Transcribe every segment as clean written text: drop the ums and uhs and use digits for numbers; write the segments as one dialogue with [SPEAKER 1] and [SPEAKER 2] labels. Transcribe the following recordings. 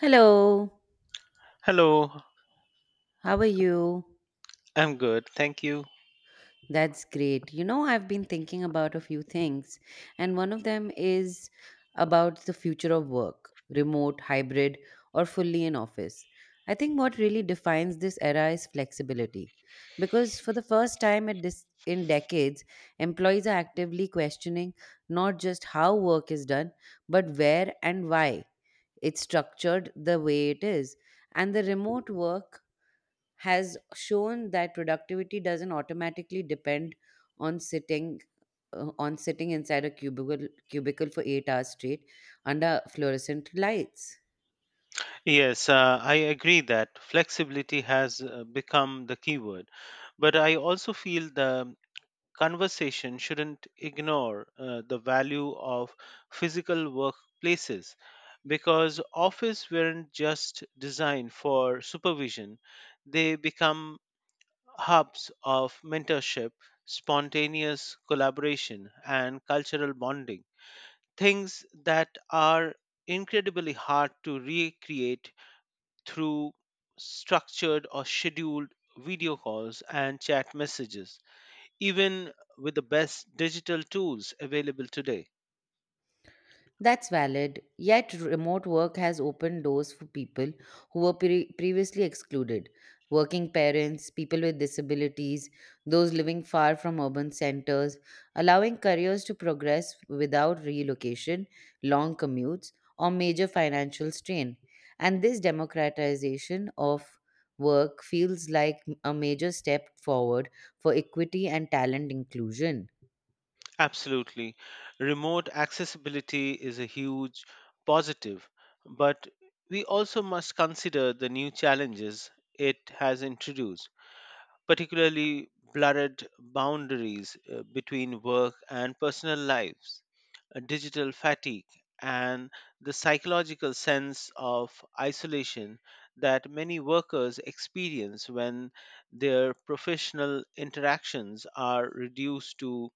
[SPEAKER 1] Hello,
[SPEAKER 2] Hello,
[SPEAKER 1] how are you?
[SPEAKER 2] I'm good. Thank you.
[SPEAKER 1] That's great. You know, I've been thinking about a few things, and one of them is about the future of work remote, hybrid, or fully in office. I think what really defines this era is flexibility, because for the first time in decades, employees are actively questioning not just how work is done, but where and why it's structured the way it is. And the remote work has shown that productivity doesn't automatically depend on sitting on sitting inside a cubicle for 8 hours straight under fluorescent lights.
[SPEAKER 2] Yes, I agree that flexibility has become the keyword, but I also feel the conversation shouldn't ignore the value of physical workplaces because office weren't just designed for supervision, they become hubs of mentorship, spontaneous collaboration, and cultural bonding, things that are incredibly hard to recreate through structured or scheduled video calls and chat messages, even with the best digital tools available today.
[SPEAKER 1] That's valid, yet remote work has opened doors for people who were previously excluded. Working parents, people with disabilities, those living far from urban centers, allowing careers to progress without relocation, long commutes, or major financial strain. And this democratization of work feels like a major step forward for equity and talent inclusion.
[SPEAKER 2] Absolutely. Remote accessibility is a huge positive, but we also must consider the new challenges it has introduced, particularly blurred boundaries between work and personal lives, digital fatigue, and the psychological sense of isolation that many workers experience when their professional interactions are reduced to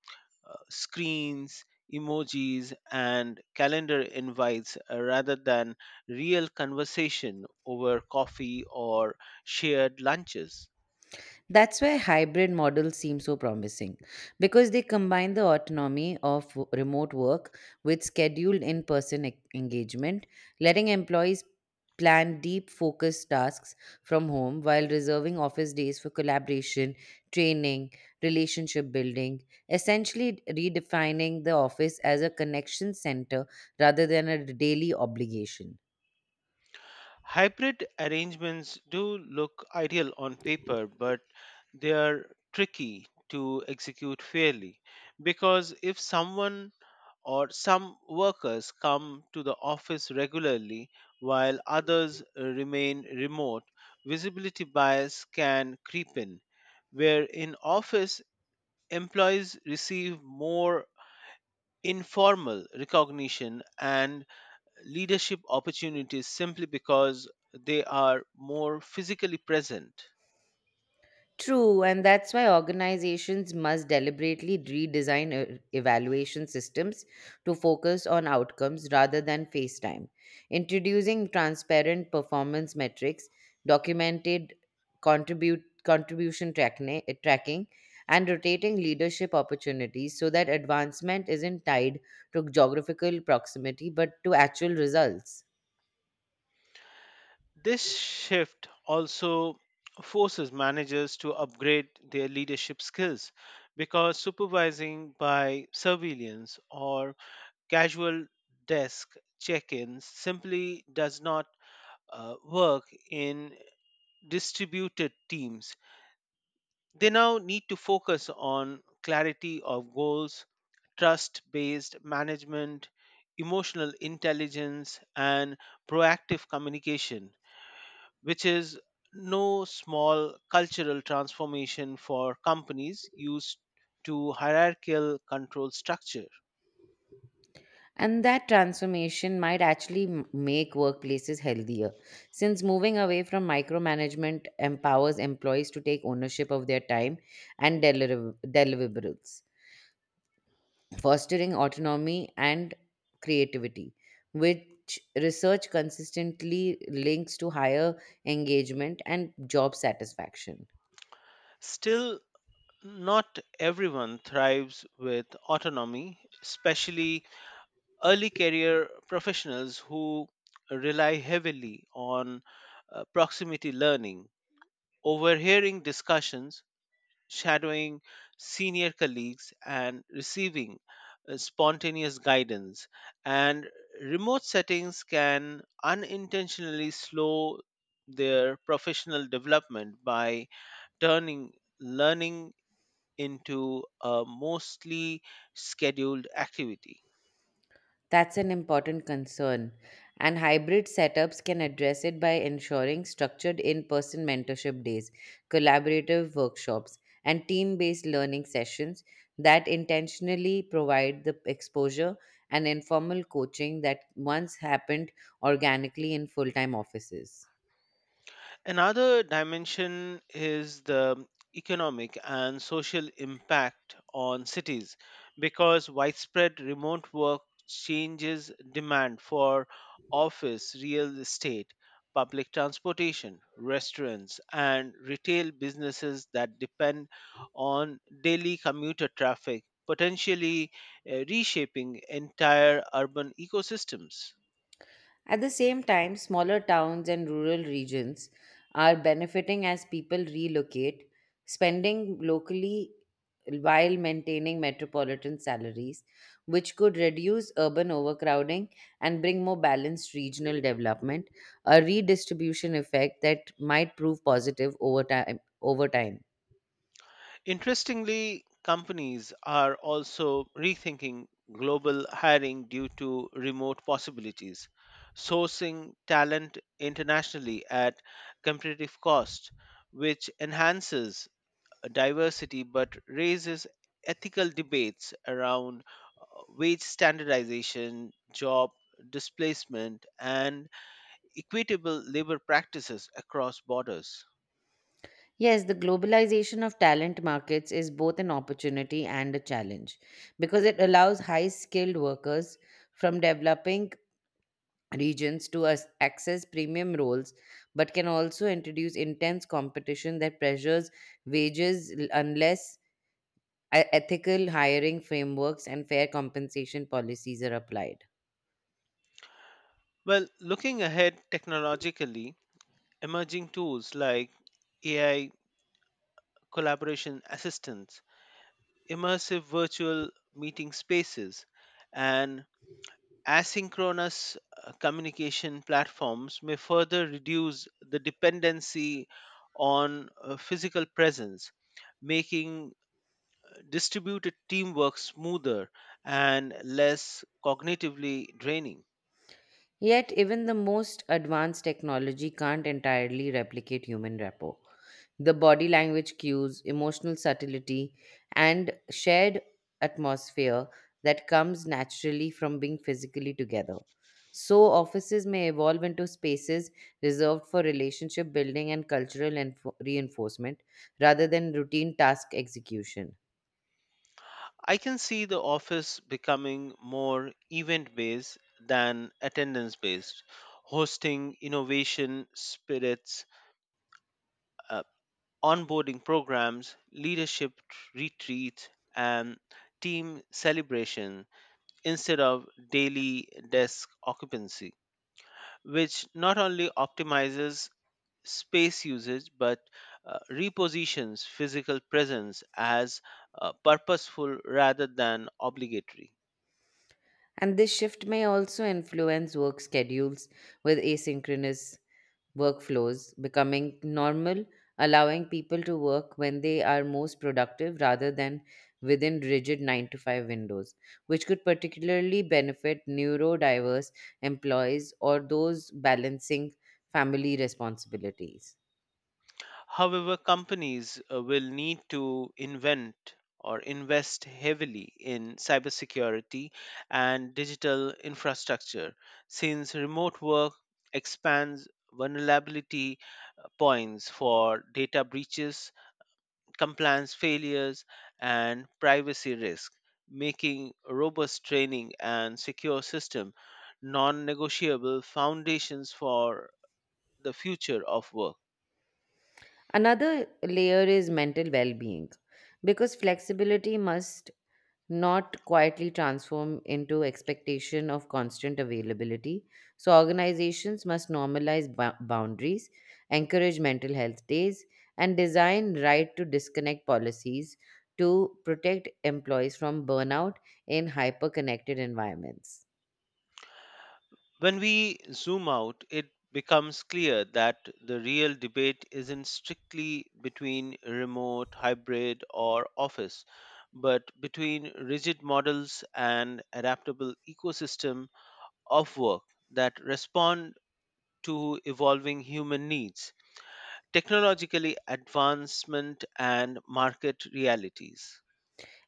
[SPEAKER 2] screens, emojis, and calendar invites rather than real conversation over coffee or shared lunches.
[SPEAKER 1] That's why hybrid models seem so promising because they combine the autonomy of remote work with scheduled in person engagement, letting employees plan deep focused tasks from home while reserving office days for collaboration, training, relationship building, essentially redefining the office as a connection center rather than a daily obligation.
[SPEAKER 2] Hybrid arrangements do look ideal on paper, but they are tricky to execute fairly because if someone or some workers come to the office regularly while others remain remote, visibility bias can creep in, where in office employees receive more informal recognition and leadership opportunities simply because they are more physically present.
[SPEAKER 1] True, and that's why organizations must deliberately redesign evaluation systems to focus on outcomes rather than face time. Introducing transparent performance metrics, documented contribution tracking, and rotating leadership opportunities so that advancement isn't tied to geographical proximity but to actual results.
[SPEAKER 2] This shift also forces managers to upgrade their leadership skills because supervising by surveillance or casual desk check ins simply does not work in distributed teams. They now need to focus on clarity of goals, trust based management, emotional intelligence, and proactive communication, which is no small cultural transformation for companies used to hierarchical control structure.
[SPEAKER 1] And that transformation might actually make workplaces healthier, since moving away from micromanagement empowers employees to take ownership of their time and deliverables, fostering autonomy and creativity, which research consistently links to higher engagement and job satisfaction.
[SPEAKER 2] Still, not everyone thrives with autonomy, especially early career professionals who rely heavily on proximity learning, overhearing discussions, shadowing senior colleagues, and receiving spontaneous guidance. And remote settings can unintentionally slow their professional development by turning learning into a mostly scheduled activity.
[SPEAKER 1] That's an important concern, and hybrid setups can address it by ensuring structured in person mentorship days, collaborative workshops, and team based learning sessions that intentionally provide the exposure and informal coaching that once happened organically in full time offices.
[SPEAKER 2] Another dimension is the economic and social impact on cities because widespread remote work changes demand for office, real estate, public transportation, restaurants, and retail businesses that depend on daily commuter traffic, potentially reshaping entire urban ecosystems.
[SPEAKER 1] At the same time, smaller towns and rural regions are benefiting as people relocate, spending locally while maintaining metropolitan salaries, which could reduce urban overcrowding and bring more balanced regional development, a redistribution effect that might prove positive over time.
[SPEAKER 2] Interestingly, companies are also rethinking global hiring due to remote possibilities, sourcing talent internationally at competitive cost, which enhances diversity but raises ethical debates around wage standardization, job displacement, and equitable labor practices across borders.
[SPEAKER 1] Yes, the globalization of talent markets is both an opportunity and a challenge because it allows high skilled workers from developing regions to us access premium roles, but can also introduce intense competition that pressures wages unless ethical hiring frameworks and fair compensation policies are applied.
[SPEAKER 2] Well, looking ahead technologically, emerging tools like AI collaboration assistants, immersive virtual meeting spaces, and asynchronous communication platforms may further reduce the dependency on physical presence, making distributed teamwork smoother and less cognitively draining.
[SPEAKER 1] Yet, even the most advanced technology can't entirely replicate human rapport. The body language cues, emotional subtlety, and shared atmosphere that comes naturally from being physically together. So, offices may evolve into spaces reserved for relationship building and cultural reinforcement rather than routine task execution.
[SPEAKER 2] I can see the office becoming more event based than attendance based, hosting innovation spirits, uh, onboarding programs, leadership retreats, and team celebration instead of daily desk occupancy, which not only optimizes space usage but repositions physical presence as purposeful rather than obligatory.
[SPEAKER 1] And this shift may also influence work schedules with asynchronous workflows becoming normal, allowing people to work when they are most productive rather than within rigid 9 to 5 windows, which could particularly benefit neurodiverse employees or those balancing family responsibilities.
[SPEAKER 2] However, companies will need to invent or invest heavily in cybersecurity and digital infrastructure since remote work expands vulnerability points for data breaches, compliance failures, and privacy risk, making robust training and secure system non-negotiable foundations for the future of work.
[SPEAKER 1] Another layer is mental well being because flexibility must not quietly transform into expectation of constant availability. So, organizations must normalize boundaries, encourage mental health days, and design right to disconnect policies to protect employees from burnout in hyper connected environments.
[SPEAKER 2] When we zoom out, it becomes clear that the real debate isn't strictly between remote, hybrid, or office, but between rigid models and adaptable ecosystem of work that respond to evolving human needs, technologically advancement, and market realities.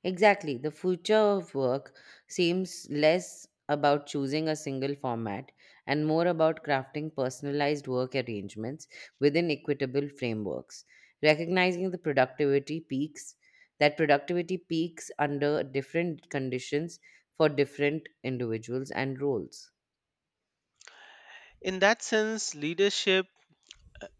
[SPEAKER 1] Exactly. The future of work seems less about choosing a single format and more about crafting personalized work arrangements within equitable frameworks, recognizing the productivity peaks under different conditions for different individuals and roles.
[SPEAKER 2] In that sense, leadership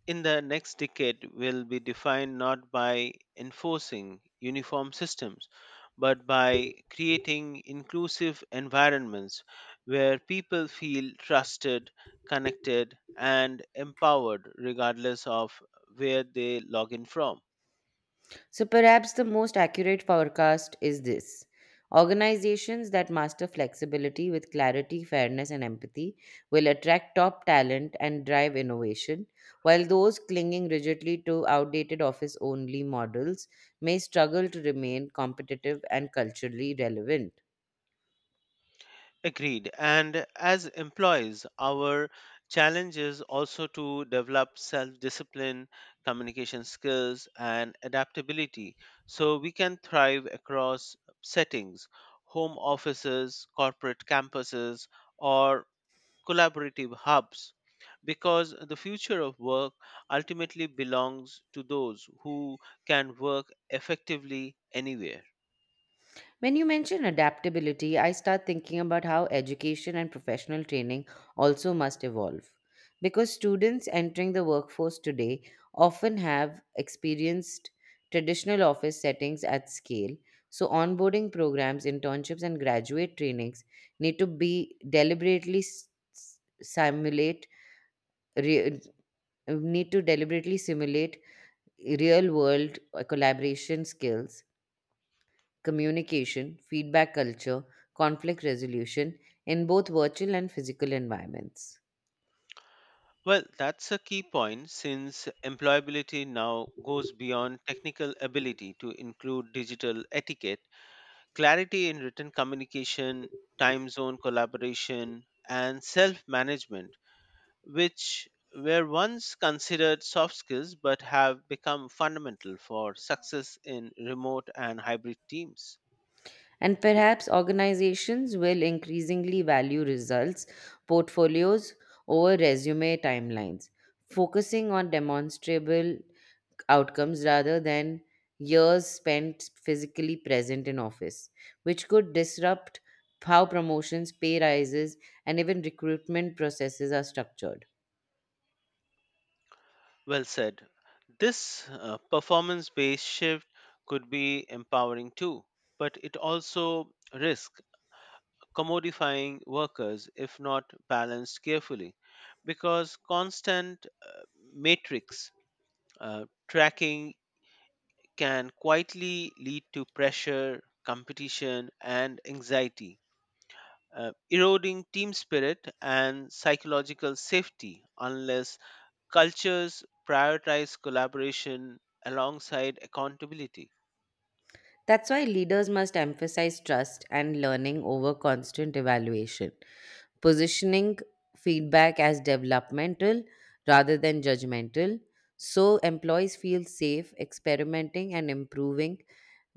[SPEAKER 2] in the next decade will be defined not by enforcing uniform systems, but by creating inclusive environments where people feel trusted, connected, and empowered regardless of where they log in from.
[SPEAKER 1] So perhaps the most accurate forecast is this. Organizations that master flexibility with clarity, fairness, and empathy will attract top talent and drive innovation, while those clinging rigidly to outdated office only models may struggle to remain competitive and culturally relevant.
[SPEAKER 2] Agreed. And as employees, our challenge is also to develop self discipline, communication skills, and adaptability so we can thrive across settings, home offices, corporate campuses, or collaborative hubs. Because the future of work ultimately belongs to those who can work effectively anywhere.
[SPEAKER 1] When you mention adaptability, I start thinking about how education and professional training also must evolve. Because students entering the workforce today often have experienced traditional office settings at scale, so onboarding programs, internships, and graduate trainings need to be deliberately s- s- simulate re- need to deliberately simulate real world collaboration skills communication, feedback culture, conflict resolution in both virtual and physical environments.
[SPEAKER 2] Well, that's a key point since employability now goes beyond technical ability to include digital etiquette, clarity in written communication, time zone collaboration, and self management, which were once considered soft skills but have become fundamental for success in remote and hybrid teams.
[SPEAKER 1] And perhaps organizations will increasingly value results, portfolios over resume timelines, focusing on demonstrable outcomes rather than years spent physically present in office, which could disrupt how promotions, pay rises, and even recruitment processes are structured.
[SPEAKER 2] Well said. This performance based shift could be empowering too, but it also risks commodifying workers if not balanced carefully because constant matrix tracking can quietly lead to pressure competition and anxiety, eroding team spirit and psychological safety unless cultures prioritize collaboration alongside accountability.
[SPEAKER 1] That's why leaders must emphasize trust and learning over constant evaluation, positioning feedback as developmental rather than judgmental, so employees feel safe experimenting and improving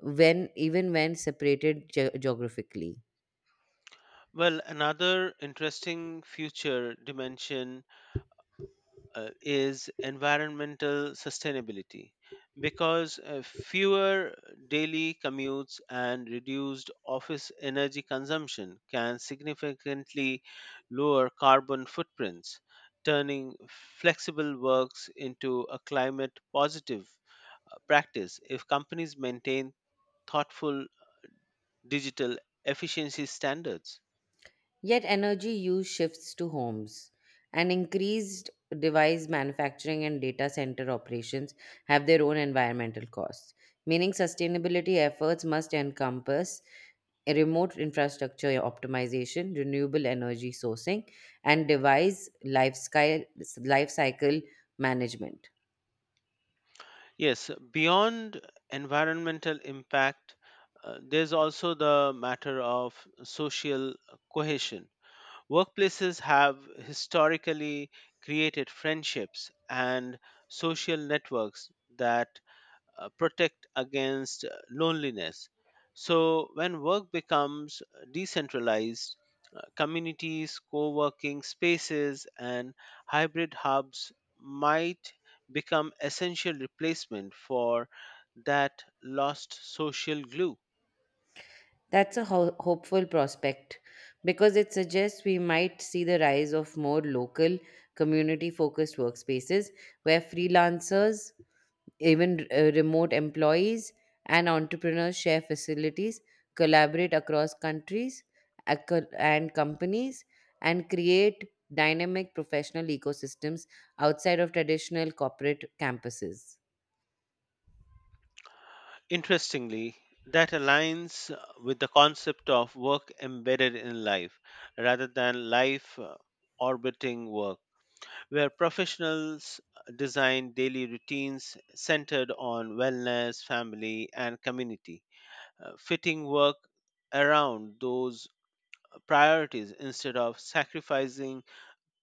[SPEAKER 1] when even when separated geographically.
[SPEAKER 2] Well, another interesting future dimension is environmental sustainability because fewer daily commutes and reduced office energy consumption can significantly lower carbon footprints, turning flexible works into a climate positive practice if companies maintain thoughtful digital efficiency standards.
[SPEAKER 1] Yet energy use shifts to homes, and increased device manufacturing and data center operations have their own environmental costs, meaning sustainability efforts must encompass a remote infrastructure optimization, renewable energy sourcing, and device life cycle management.
[SPEAKER 2] Yes, beyond environmental impact, there's also the matter of social cohesion. Workplaces have historically created friendships and social networks that protect against loneliness. So, when work becomes decentralized, communities, co working spaces, and hybrid hubs might become essential replacement for that lost social glue.
[SPEAKER 1] That's a hopeful prospect because it suggests we might see the rise of more local, community focused workspaces where freelancers, even remote employees, and entrepreneurs share facilities, collaborate across countries and companies, and create dynamic professional ecosystems outside of traditional corporate campuses.
[SPEAKER 2] Interestingly, that aligns with the concept of work embedded in life rather than life orbiting work, where professionals design daily routines centered on wellness, family, and community, fitting work around those priorities instead of sacrificing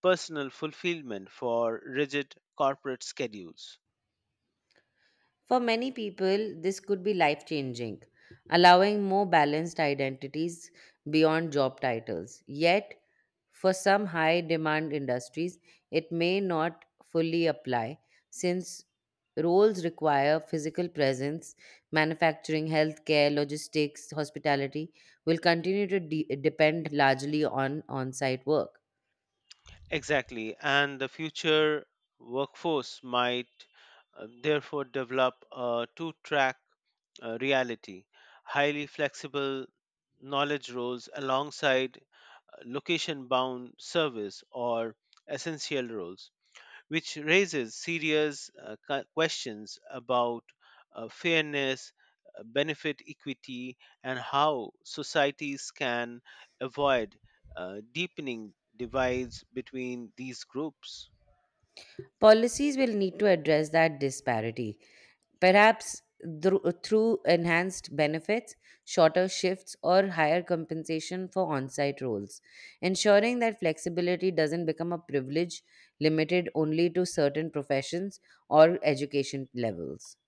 [SPEAKER 2] personal fulfillment for rigid corporate schedules.
[SPEAKER 1] For many people, this could be life changing, allowing more balanced identities beyond job titles. Yet, for some high demand industries, it may not fully apply since roles require physical presence. Manufacturing, healthcare, logistics, hospitality will continue to depend largely on site work.
[SPEAKER 2] Exactly, and the future workforce might therefore develop a two track reality, highly flexible knowledge roles alongside location bound service or essential roles, which raises serious questions about fairness, benefit equity, and how societies can avoid deepening divides between these groups.
[SPEAKER 1] Policies will need to address that disparity, perhaps through enhanced benefits, shorter shifts, or higher compensation for on site roles, ensuring that flexibility doesn't become a privilege limited only to certain professions or education levels.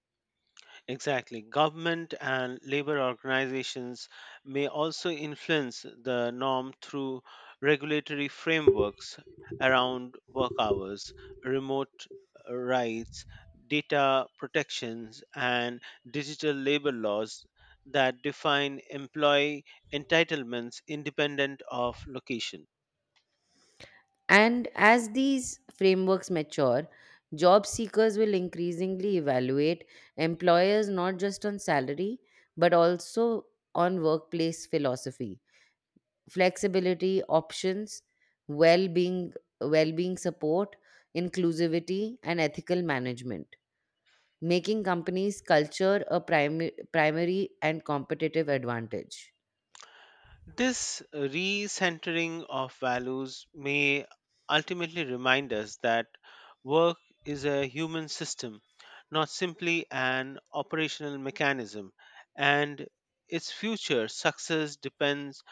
[SPEAKER 2] Exactly. Government and labor organizations may also influence the norm through regulatory frameworks around work hours, remote rights, data protections, and digital labor laws that define employee entitlements independent of location.
[SPEAKER 1] And as these frameworks mature, job seekers will increasingly evaluate employers not just on salary, but also on workplace philosophy flexibility options well-being well-being support inclusivity and ethical management making companies culture a primary and competitive advantage.
[SPEAKER 2] This recentering of values may ultimately remind us that work is a human system, not simply an operational mechanism, and its future success depends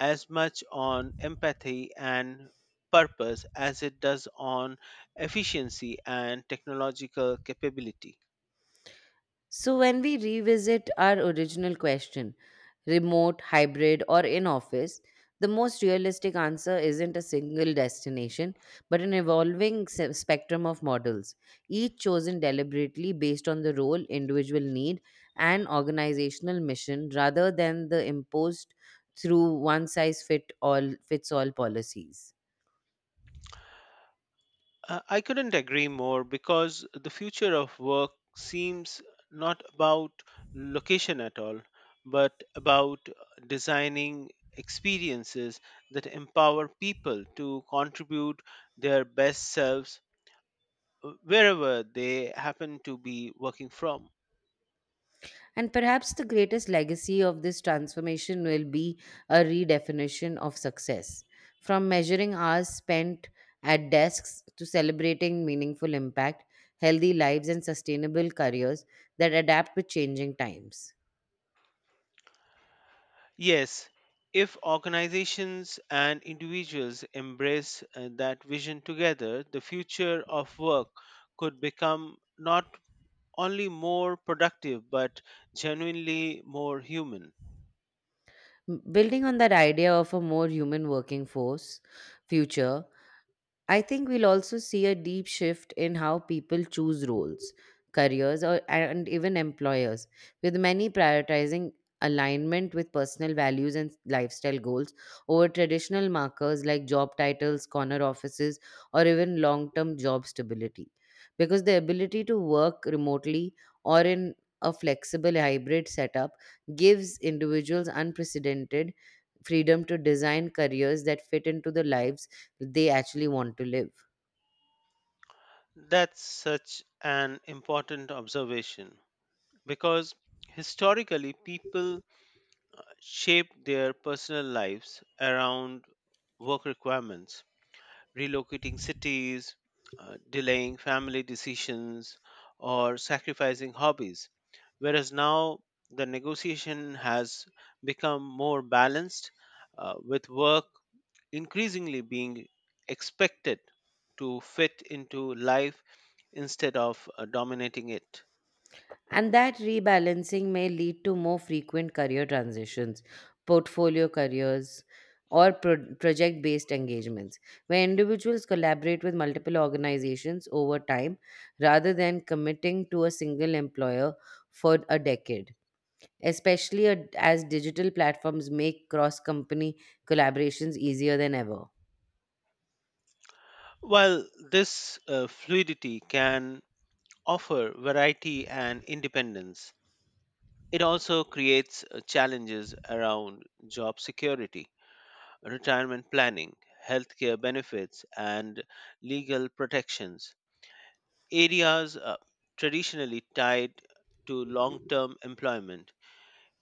[SPEAKER 2] as much on empathy and purpose as it does on efficiency and technological capability.
[SPEAKER 1] So when we revisit our original question remote, hybrid, or in office, the most realistic answer isn't a single destination, but an evolving spectrum of models, each chosen deliberately based on the role, individual need, and organizational mission rather than the imposed through one size fit all fits all policies.
[SPEAKER 2] I couldn't agree more because the future of work seems not about location at all, but about designing experiences that empower people to contribute their best selves wherever they happen to be working from.
[SPEAKER 1] And perhaps the greatest legacy of this transformation will be a redefinition of success, from measuring hours spent at desks to celebrating meaningful impact, healthy lives, and sustainable careers that adapt with changing times.
[SPEAKER 2] Yes, if organizations and individuals embrace that vision together, the future of work could become not only more productive but genuinely more human.
[SPEAKER 1] Building on that idea of a more human working force future, I think we'll also see a deep shift in how people choose roles, careers, and even employers, with many prioritizing alignment with personal values and lifestyle goals over traditional markers like job titles, corner offices, or even long term job stability. Because the ability to work remotely or in a flexible hybrid setup gives individuals unprecedented freedom to design careers that fit into the lives they actually want to live.
[SPEAKER 2] That's such an important observation because historically people shaped their personal lives around work requirements, relocating cities, delaying family decisions, or sacrificing hobbies. Whereas now the negotiation has become more balanced, with work increasingly being expected to fit into life instead of dominating it.
[SPEAKER 1] And that rebalancing may lead to more frequent career transitions, portfolio careers, or project based engagements, where individuals collaborate with multiple organizations over time rather than committing to a single employer for a decade. Especially as digital platforms make cross company collaborations easier than ever.
[SPEAKER 2] While this fluidity can offer variety and independence, it also creates challenges around job security, retirement planning, healthcare benefits, and legal protections. Areas traditionally tied to long term employment,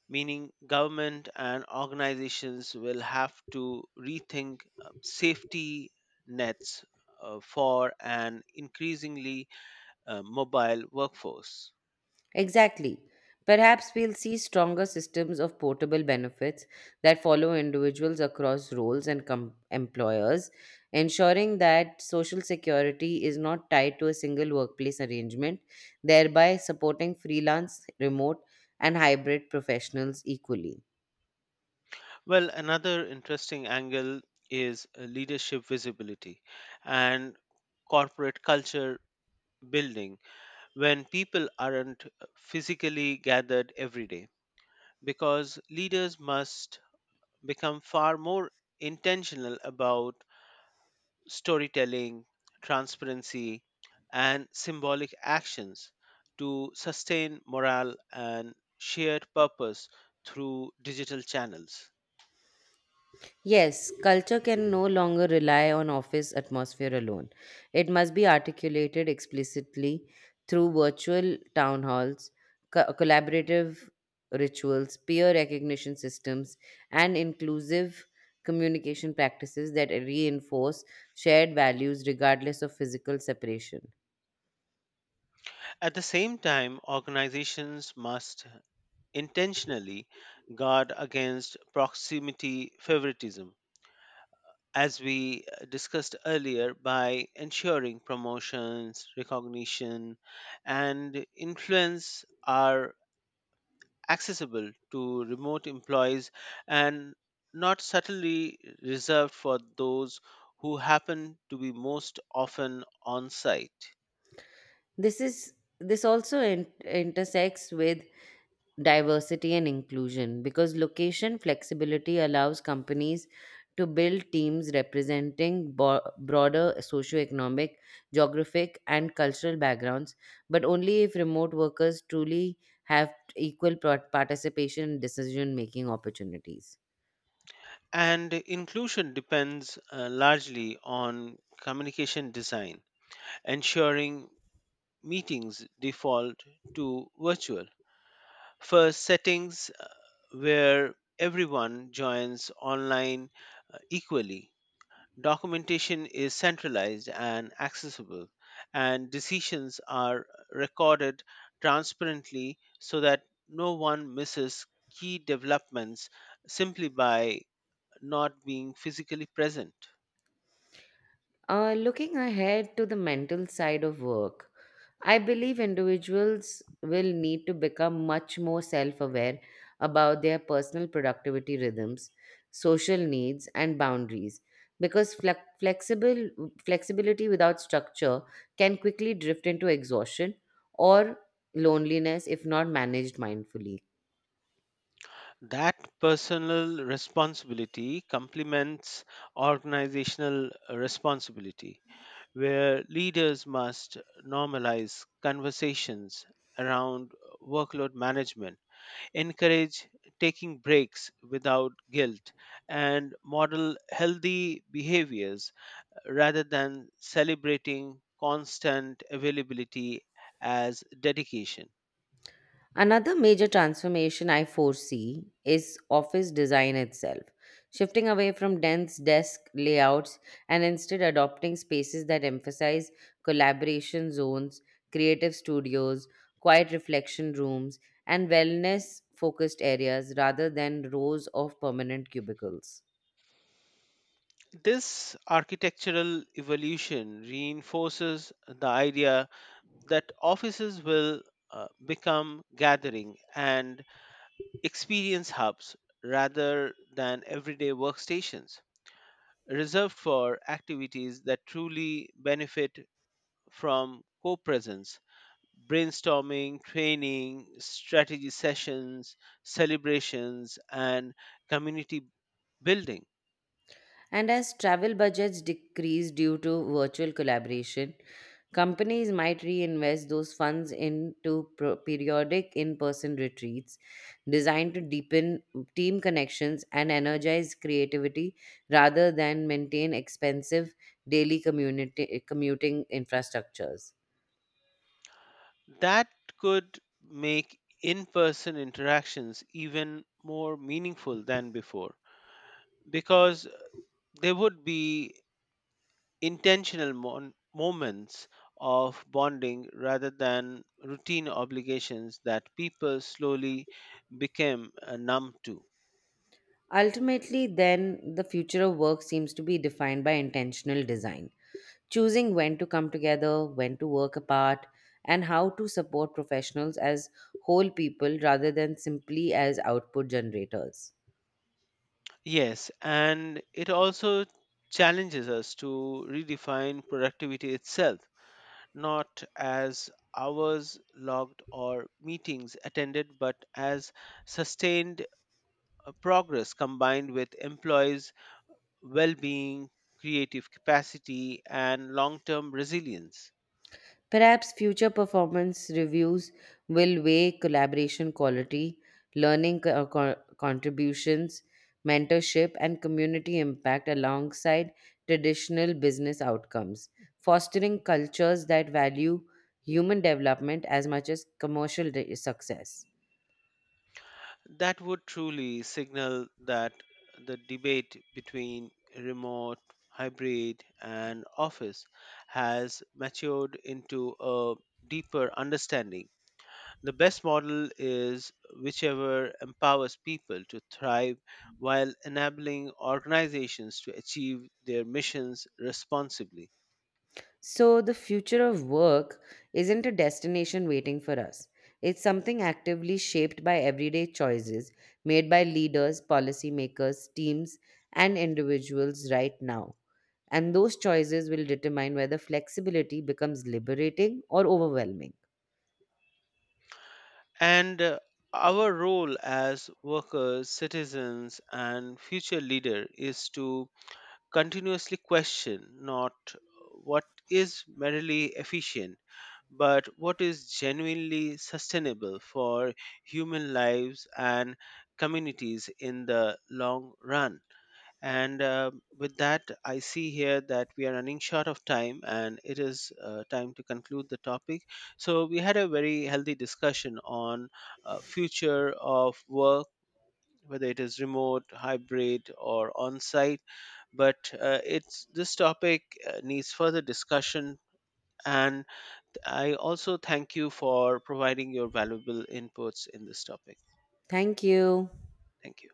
[SPEAKER 2] meaning government and organizations will have to rethink safety nets for an increasingly mobile workforce.
[SPEAKER 1] Exactly. Perhaps we'll see stronger systems of portable benefits that follow individuals across roles and employers, ensuring that social security is not tied to a single workplace arrangement, thereby supporting freelance, remote, and hybrid professionals equally.
[SPEAKER 2] Well, another interesting angle is leadership visibility and corporate culture building when people aren't physically gathered every day because leaders must become far more intentional about storytelling, transparency, and symbolic actions to sustain morale and shared purpose through digital channels.
[SPEAKER 1] Yes, culture can no longer rely on office atmosphere alone. It must be articulated explicitly through virtual town halls, collaborative rituals, peer recognition systems, and inclusive communication practices that reinforce shared values regardless of physical separation.
[SPEAKER 2] At the same time, organizations must intentionally guard against proximity favoritism, as we discussed earlier, by ensuring promotions, recognition, and influence are accessible to remote employees and not subtly reserved for those who happen to be most often on site.
[SPEAKER 1] This is this also intersects with diversity and inclusion because location flexibility allows companies to build teams representing broader socioeconomic, geographic, and cultural backgrounds, but only if remote workers truly have equal participation in decision making opportunities.
[SPEAKER 2] And inclusion depends largely on communication design, ensuring meetings default to virtual. First, settings where everyone joins online equally. Documentation is centralized and accessible, and decisions are recorded transparently so that no one misses key developments simply by not being physically present.
[SPEAKER 1] Looking ahead to the mental side of work, I believe individuals will need to become much more self aware about their personal productivity rhythms, social needs, and boundaries because flexibility without structure can quickly drift into exhaustion or loneliness if not managed mindfully.
[SPEAKER 2] That personal responsibility complements organizational responsibility, where leaders must normalize conversations around workload management, encourage taking breaks without guilt, and model healthy behaviors rather than celebrating constant availability as dedication.
[SPEAKER 1] Another major transformation I foresee is office design itself, shifting away from dense desk layouts and instead adopting spaces that emphasize collaboration zones, creative studios, quiet reflection rooms, and wellness focused areas rather than rows of permanent cubicles.
[SPEAKER 2] This architectural evolution reinforces the idea that offices will become gathering and experience hubs rather than everyday workstations reserved for activities that truly benefit from co presence, brainstorming, training, strategy sessions, celebrations, and community building.
[SPEAKER 1] And as travel budgets decrease due to virtual collaboration, companies might reinvest those funds into periodic in person retreats designed to deepen team connections and energize creativity rather than maintain expensive daily commuting infrastructures.
[SPEAKER 2] That could make in person interactions even more meaningful than before because there would be intentional moments of bonding rather than routine obligations that people slowly became numb to.
[SPEAKER 1] Ultimately, then, the future of work seems to be defined by intentional design, choosing when to come together, when to work apart, and how to support professionals as whole people rather than simply as output generators.
[SPEAKER 2] Yes, and it also challenges us to redefine productivity itself, not as hours logged or meetings attended, but as sustained progress combined with employees' well being, creative capacity, and long term resilience.
[SPEAKER 1] Perhaps future performance reviews will weigh collaboration quality, learning contributions, mentorship, and community impact alongside traditional business outcomes, fostering cultures that value human development as much as commercial success.
[SPEAKER 2] That would truly signal that the debate between remote, hybrid, and office has matured into a deeper understanding. The best model is whichever empowers people to thrive while enabling organizations to achieve their missions responsibly.
[SPEAKER 1] So, the future of work isn't a destination waiting for us. It's something actively shaped by everyday choices made by leaders, policymakers, teams, and individuals right now. And those choices will determine whether flexibility becomes liberating or overwhelming.
[SPEAKER 2] And our role as workers, citizens, and future leader is to continuously question not what is merely efficient, but what is genuinely sustainable for human lives and communities in the long run. And with that, I see here that we are running short of time and it is time to conclude the topic. So, we had a very healthy discussion on future of work, whether it is remote hybrid or on site, but it's this topic needs further discussion, and I also thank you for providing your valuable inputs in this topic.
[SPEAKER 1] Thank you.
[SPEAKER 2] Thank you.